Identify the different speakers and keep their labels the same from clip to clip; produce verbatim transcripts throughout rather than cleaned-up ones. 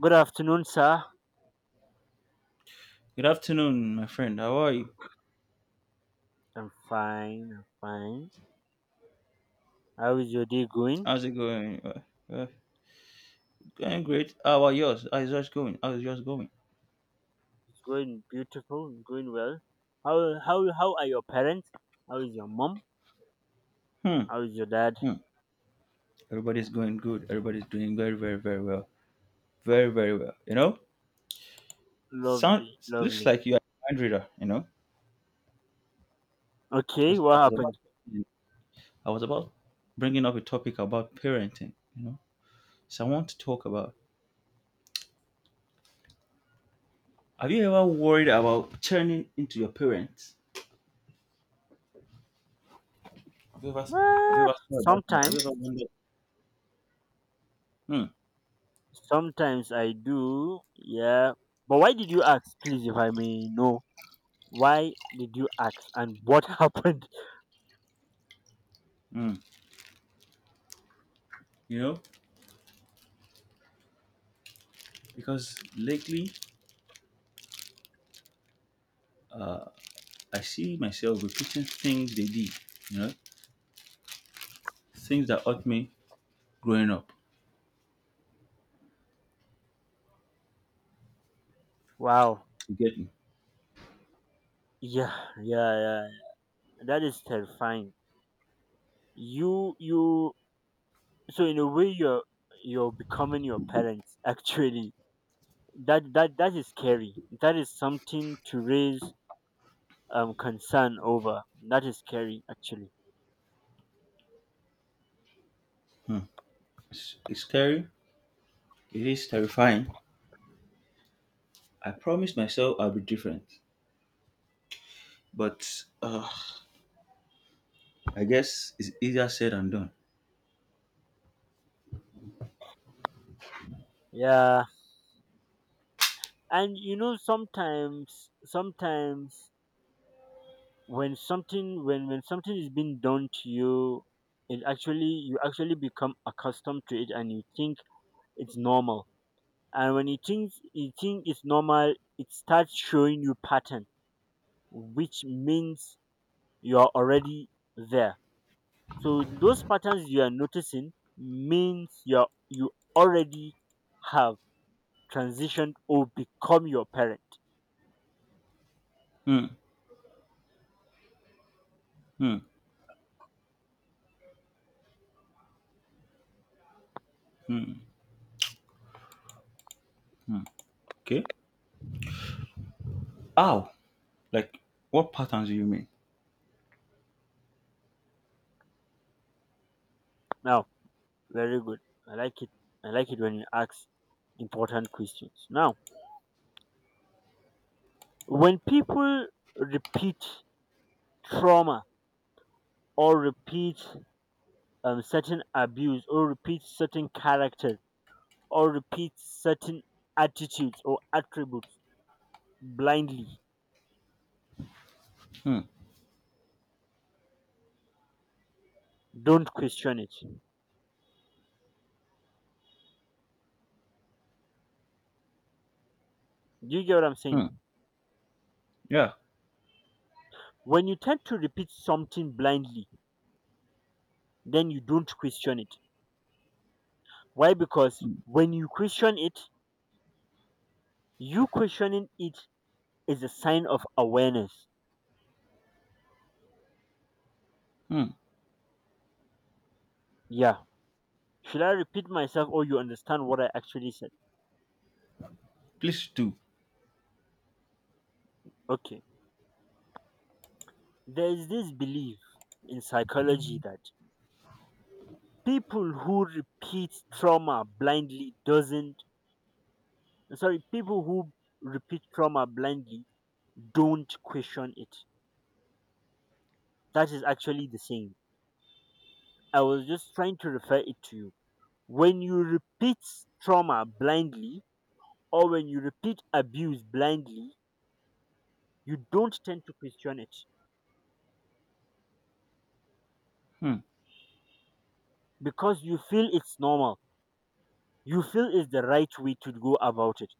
Speaker 1: Good afternoon, sir.
Speaker 2: Good afternoon, my friend. How are you?
Speaker 1: I'm fine. I'm fine. How is your day going?
Speaker 2: How's it going? Uh, uh, Going great. How are yours? How's yours going? How's yours going?
Speaker 1: It's going beautiful. It's going well. How how how are your parents? How is your mom?
Speaker 2: Hmm.
Speaker 1: How is your dad?
Speaker 2: Hmm. Everybody's going good. Everybody's doing very, very, very well. Very, very well. You know, sound
Speaker 1: Lovely,
Speaker 2: looks
Speaker 1: lovely.
Speaker 2: like you are a mind reader. You know,
Speaker 1: Okay,
Speaker 2: because I
Speaker 1: what
Speaker 2: was about,
Speaker 1: happened?
Speaker 2: I was about bringing up a topic about parenting. You know, so I want to talk about. Have you ever worried about turning into your parents? Have you ever, have you
Speaker 1: Well,
Speaker 2: ever thought about that? Have
Speaker 1: sometimes,
Speaker 2: you ever wondered? Hmm.
Speaker 1: sometimes I do. Yeah, but why did you ask, please, if I may know? Why did you ask, and what happened?
Speaker 2: Hmm. You know, because lately uh, I see myself repeating things they did, you know, things that hurt me growing up.
Speaker 1: Wow.
Speaker 2: You get me?
Speaker 1: Yeah, yeah, yeah. That is terrifying. You you so in a way you're you're becoming your parents actually, that that that is scary. That is something to raise um concern over. That is scary actually.
Speaker 2: Hmm. It's, it's scary. It is terrifying. I promised myself I'll be different, but uh, I guess it's easier said than done.
Speaker 1: Yeah. And you know, sometimes sometimes when something, when when something is being done to you, it actually, you actually become accustomed to it and you think it's normal. And when you think you think it's normal, it starts showing you pattern, which means you're already there. So those patterns you are noticing means you're you already have transitioned or become your parent.
Speaker 2: Hmm. Hmm. Hmm. Okay. How? Like, what patterns do you mean?
Speaker 1: Now, very good. I like it. I like it when you ask important questions. Now, when people repeat trauma or repeat um, certain abuse, or repeat certain characters, or repeat certain attitudes or attributes blindly,
Speaker 2: Hmm.
Speaker 1: don't question it. Do you get what I'm
Speaker 2: Hmm.
Speaker 1: saying?
Speaker 2: Yeah.
Speaker 1: When you tend to repeat something blindly, then you don't question it. Why? Because when you question it, you questioning it is a sign of awareness.
Speaker 2: Hmm.
Speaker 1: Yeah. Should I repeat myself or you understand what I actually said?
Speaker 2: Please do.
Speaker 1: Okay. There is this belief in psychology that people who repeat trauma blindly doesn't, sorry, people who repeat trauma blindly don't question it. That is actually the saying. I was just trying to refer it to you. When you repeat trauma blindly, or when you repeat abuse blindly, you don't tend to question it
Speaker 2: Hmm.
Speaker 1: because you feel it's normal. You feel it's the right way to go about it.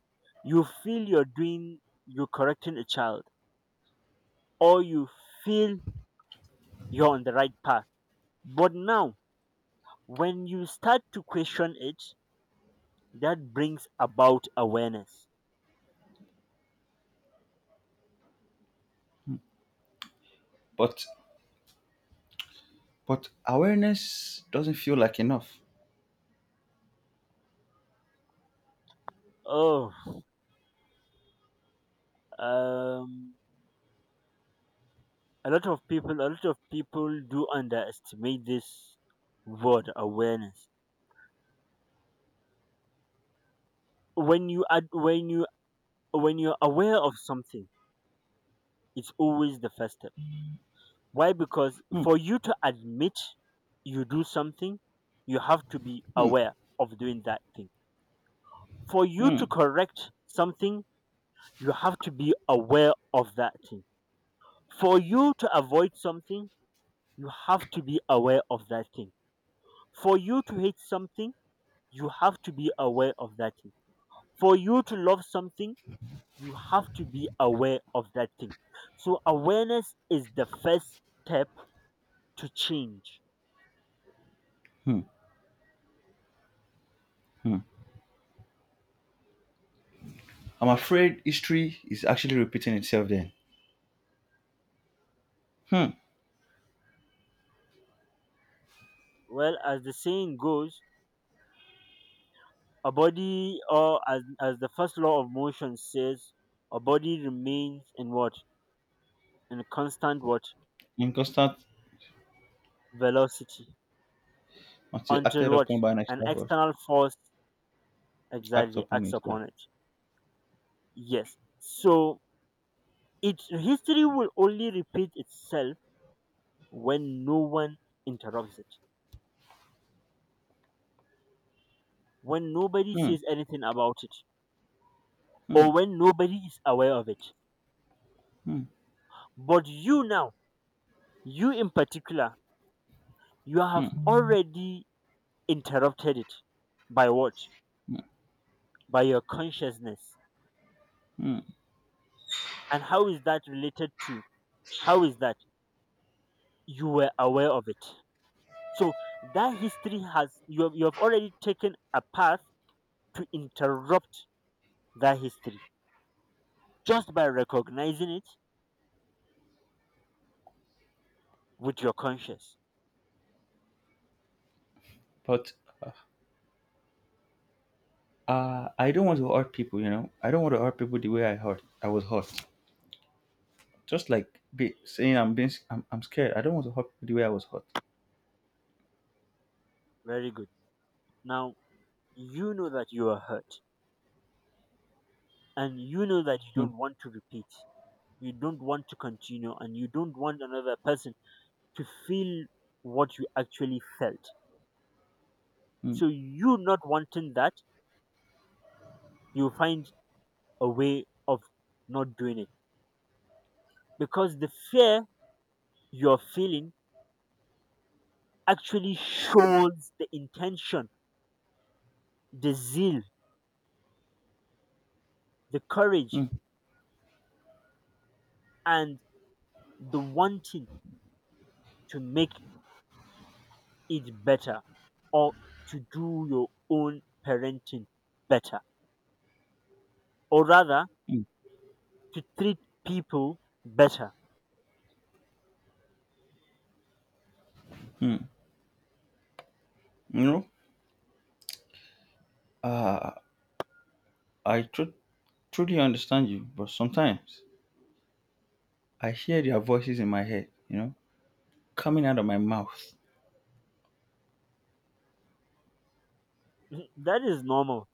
Speaker 1: You feel you're doing, you're correcting a child, or you feel you're on the right path. But now, when you start to question it, that brings about awareness.
Speaker 2: But but awareness doesn't feel like enough.
Speaker 1: Oh, um, a lot of people a lot of people do underestimate this word awareness. When you add, when you, when you're aware of something, it's always the first step. Why? Because
Speaker 2: Hmm.
Speaker 1: for you to admit you do something, you have to be
Speaker 2: Hmm.
Speaker 1: aware of doing that thing. For you
Speaker 2: Hmm.
Speaker 1: to correct something, you have to be aware of that thing. For you to avoid something, you have to be aware of that thing. For you to hate something, you have to be aware of that thing. For you to love something, you have to be aware of that thing. So, awareness is the first step to change.
Speaker 2: Hmm. Hmm. I'm afraid history is actually repeating itself then. Hmm.
Speaker 1: Well, as the saying goes, a body, or as, as the first law of motion says, a body remains in what? In constant what?
Speaker 2: In constant
Speaker 1: Velocity.
Speaker 2: until
Speaker 1: Until
Speaker 2: acted
Speaker 1: what?
Speaker 2: upon by an
Speaker 1: An
Speaker 2: extra force.
Speaker 1: external force
Speaker 2: Act
Speaker 1: exactly
Speaker 2: upon
Speaker 1: acts
Speaker 2: it, yeah.
Speaker 1: upon it. Yes. So, it, history will only repeat itself when no one interrupts it, when nobody
Speaker 2: Hmm.
Speaker 1: says anything about it,
Speaker 2: Hmm.
Speaker 1: or when nobody is aware of it.
Speaker 2: Hmm.
Speaker 1: But you now, you in particular, you have
Speaker 2: Hmm.
Speaker 1: already interrupted it by what?
Speaker 2: Hmm.
Speaker 1: By your consciousness.
Speaker 2: Hmm.
Speaker 1: And how is that related to? How is that? You were aware of it. So that history has, you have, you have already taken a path to interrupt that history just by recognizing it with your conscience.
Speaker 2: But uh, I don't want to hurt people, you know. I don't want to hurt people the way I hurt. I was hurt. Just like be, saying I'm being, s- I'm, I'm scared. I don't want to hurt people the way I was hurt.
Speaker 1: Very good. Now, you know that you are hurt and you know that you
Speaker 2: Hmm.
Speaker 1: don't want to repeat, you don't want to continue, and you don't want another person to feel what you actually felt.
Speaker 2: Hmm.
Speaker 1: So, you not wanting that, you find a way of not doing it because the fear you're feeling actually shows the intention, the zeal, the
Speaker 2: Hmm.
Speaker 1: courage, and the wanting to make it better, or to do your own parenting better. Or rather,
Speaker 2: Hmm.
Speaker 1: to treat people better.
Speaker 2: Hmm. You know, uh, I tru- truly understand you, but sometimes I hear their voices in my head, you know, coming out of my mouth.
Speaker 1: That is normal.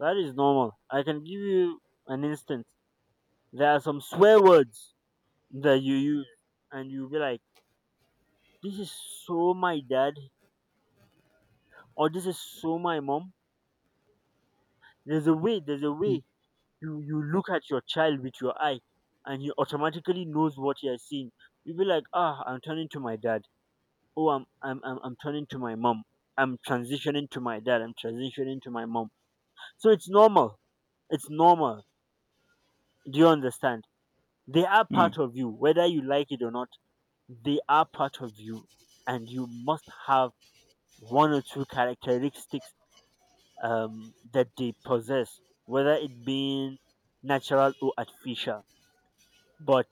Speaker 1: That is normal. I can give you an instance. There are some swear words that you use, and you'll be like, "This is so my dad," or "This is so my mom." There's a way. There's a way you you look at your child with your eye, and you automatically knows what you are seeing. You'll be like, "Ah, I'm turning to my dad. Oh, I'm I'm I'm, I'm turning to my mom. I'm transitioning to my dad. I'm transitioning to my mom." So it's normal. It's normal. Do you understand? They are
Speaker 2: Hmm.
Speaker 1: part of you, whether you like it or not. They are part of you, and you must have one or two characteristics um, that they possess, whether it being natural or artificial. But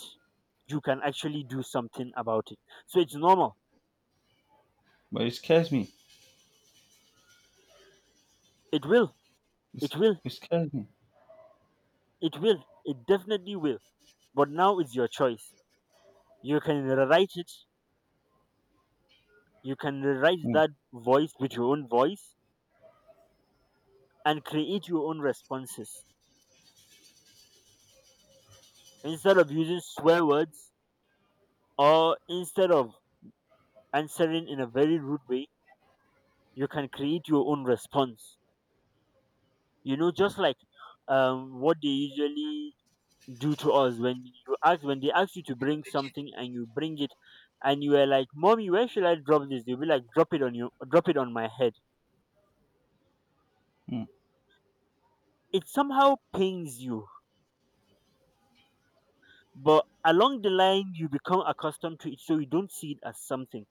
Speaker 1: you can actually do something about it. So it's normal.
Speaker 2: But it scares me.
Speaker 1: It will.
Speaker 2: It's,
Speaker 1: It will.
Speaker 2: it scares me.
Speaker 1: It will. It definitely will. But now it's your choice. You can rewrite it. You can rewrite
Speaker 2: Hmm.
Speaker 1: that voice with your own voice and create your own responses. Instead of using swear words, or instead of answering in a very rude way, you can create your own response. You know, just like um, what they usually do to us. When you ask, when they ask you to bring something and you bring it and you are like, "Mommy, where should I drop this?" They'll be like, "Drop it on you, drop it on my head."
Speaker 2: Mm.
Speaker 1: It somehow pains you. But along the line you become accustomed to it, so you don't see it as something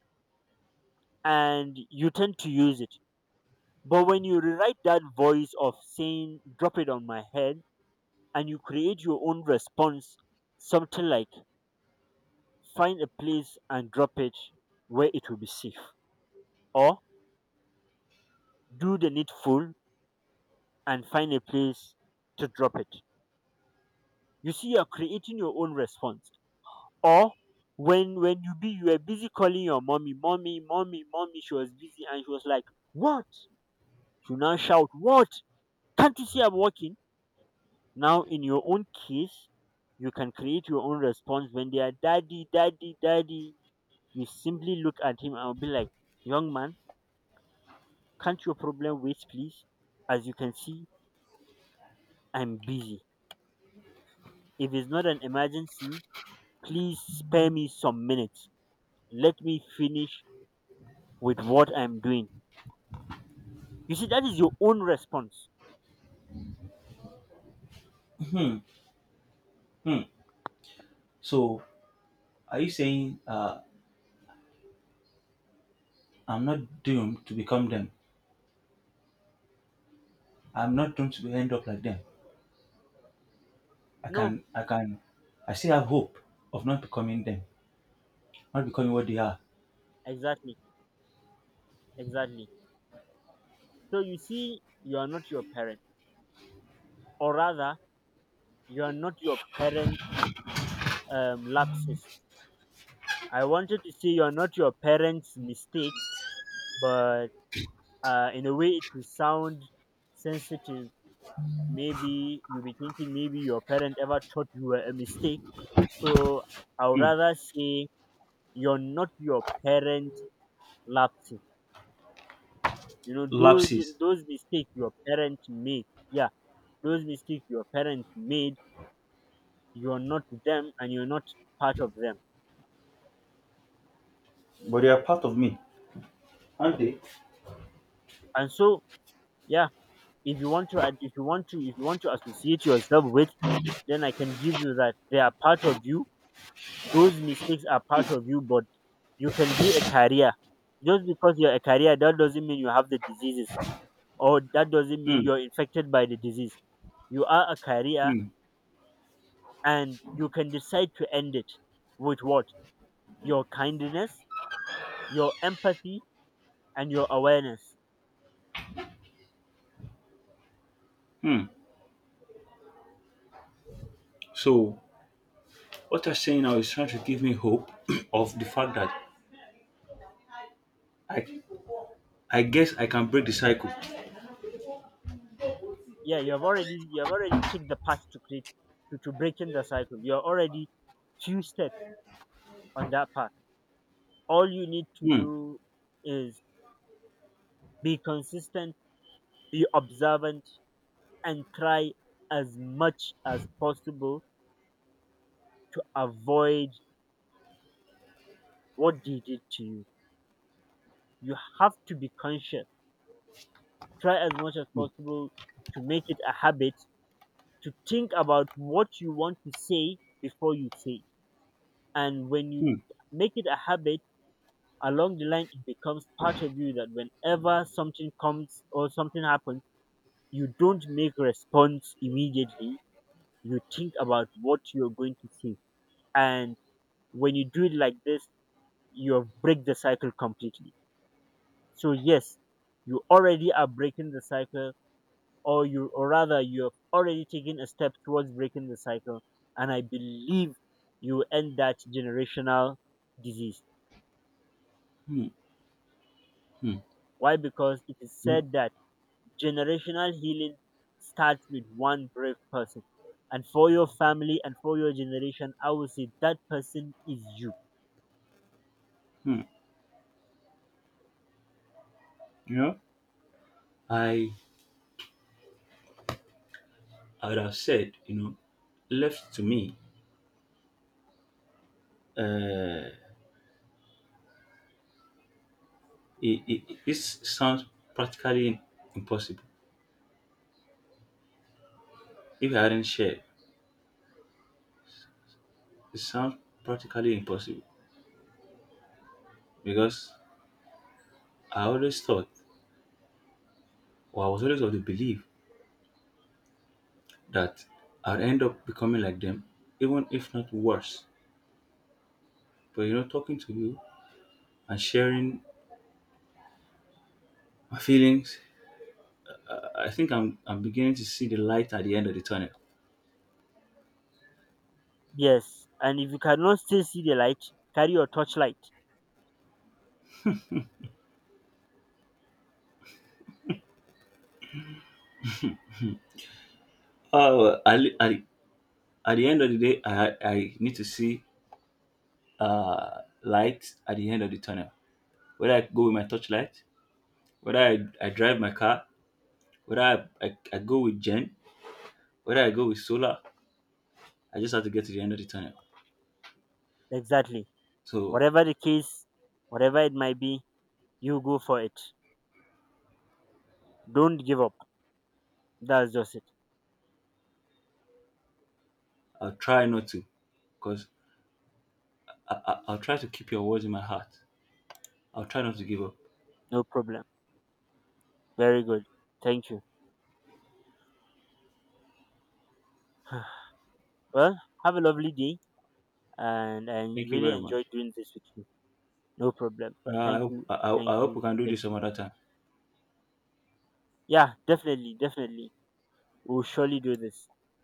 Speaker 1: and you tend to use it. But when you rewrite that voice of saying, "Drop it on my head," and you create your own response, something like, "Find a place and drop it where it will be safe," or, "Do the needful and find a place to drop it." You see, you're creating your own response. Or when when you be, you were busy calling your mommy, "Mommy, mommy, mommy," she was busy and she was like, "What?" You now shout, "What? Can't you see I'm working?" Now, in your own case, you can create your own response when they are, "Daddy, daddy, daddy." You simply look at him and be like, "Young man, can't your problem wait, please? As you can see, I'm busy. If it's not an emergency, please spare me some minutes. Let me finish with what I'm doing." You see, that is your own response.
Speaker 2: Hmm. Hmm. So, are you saying uh, I'm not doomed to become them? I'm not doomed to end up like them. I
Speaker 1: No,
Speaker 2: can, I can, I still have hope of not becoming them, not becoming what they are.
Speaker 1: exactly, exactly. So you see, you are not your parent, or rather, you are not your parent um, lapses. I wanted to say you're not your parents' mistake, but uh, in a way, it will sound sensitive. Maybe you'll be thinking maybe your parent ever taught you were a mistake. So I would rather say you're not your parent lapses. You know, those,
Speaker 2: Lapses,
Speaker 1: those mistakes your parent made. Yeah, those mistakes your parent made, you're not them and you're not part of them.
Speaker 2: but they are part of me, aren't they?
Speaker 1: And so, yeah, if you want to, if you want to, if you want to associate yourself with, then I can give you that they are part of you. Those mistakes are part of you, but you can be a carrier. Just because you're a carrier, that doesn't mean you have the diseases, or that doesn't mean
Speaker 2: Hmm.
Speaker 1: you're infected by the disease. You are a carrier,
Speaker 2: Hmm.
Speaker 1: and you can decide to end it with what? Your kindness, your empathy, and your awareness.
Speaker 2: Hmm. So, what you're saying now is trying to give me hope of the fact that I, I guess I can break the cycle.
Speaker 1: Yeah, you have already you have already taken the path to create, to, to breaking the cycle. You're already few steps on that path. All you need to
Speaker 2: Hmm.
Speaker 1: do is be consistent, be observant, and try as much as possible to avoid what they did to you. You have to be conscious. Try as much as possible to make it a habit to think about what you want to say before you say it. And when you
Speaker 2: Hmm.
Speaker 1: make it a habit, along the line, it becomes part of you that whenever something comes or something happens, you don't make response immediately. You think about what you're going to say. And when you do it like this, you have break the cycle completely. So yes, you already are breaking the cycle, or you, or rather you have already taken a step towards breaking the cycle, and I believe you end that generational disease.
Speaker 2: Hmm. Hmm.
Speaker 1: Why? Because it is
Speaker 2: You know,
Speaker 1: said that generational healing starts with one brave person, and for your family and for your generation I would say that person is you.
Speaker 2: hmm. You know, I I would have said, you know, left to me, uh, it, it, it- this sounds practically impossible. If I hadn't shared, it sounds practically impossible because I always thought, or I was always of the belief that I'd end up becoming like them, even if not worse. But you know, talking to you and sharing my feelings, I I think I'm I'm beginning to see the light at the end of the tunnel.
Speaker 1: Yes, and if you cannot still see the light, carry your torchlight.
Speaker 2: Oh, at I, at the at the end of the day, I I need to see uh, light at the end of the tunnel. Whether I go with my torchlight, whether I, I drive my car, whether I, I, I go with gen, whether I go with solar, I just have to get to the end of the tunnel.
Speaker 1: Exactly.
Speaker 2: So
Speaker 1: Whatever the case, whatever it might be, you go for it. Don't give up. That's just it.
Speaker 2: I'll try not to, because I, I, I'll try to keep your words in my heart. I'll try not to give up.
Speaker 1: No problem. Very good. Thank you. Well, have a lovely day and I
Speaker 2: Thank you
Speaker 1: really
Speaker 2: very much.
Speaker 1: enjoyed doing this with you. No problem.
Speaker 2: Uh, I,
Speaker 1: Thank
Speaker 2: hope,
Speaker 1: you.
Speaker 2: I, I I
Speaker 1: Thank
Speaker 2: hope
Speaker 1: you.
Speaker 2: we can do
Speaker 1: Thank
Speaker 2: this some
Speaker 1: you.
Speaker 2: other time.
Speaker 1: Yeah, definitely. Definitely. We'll surely do this.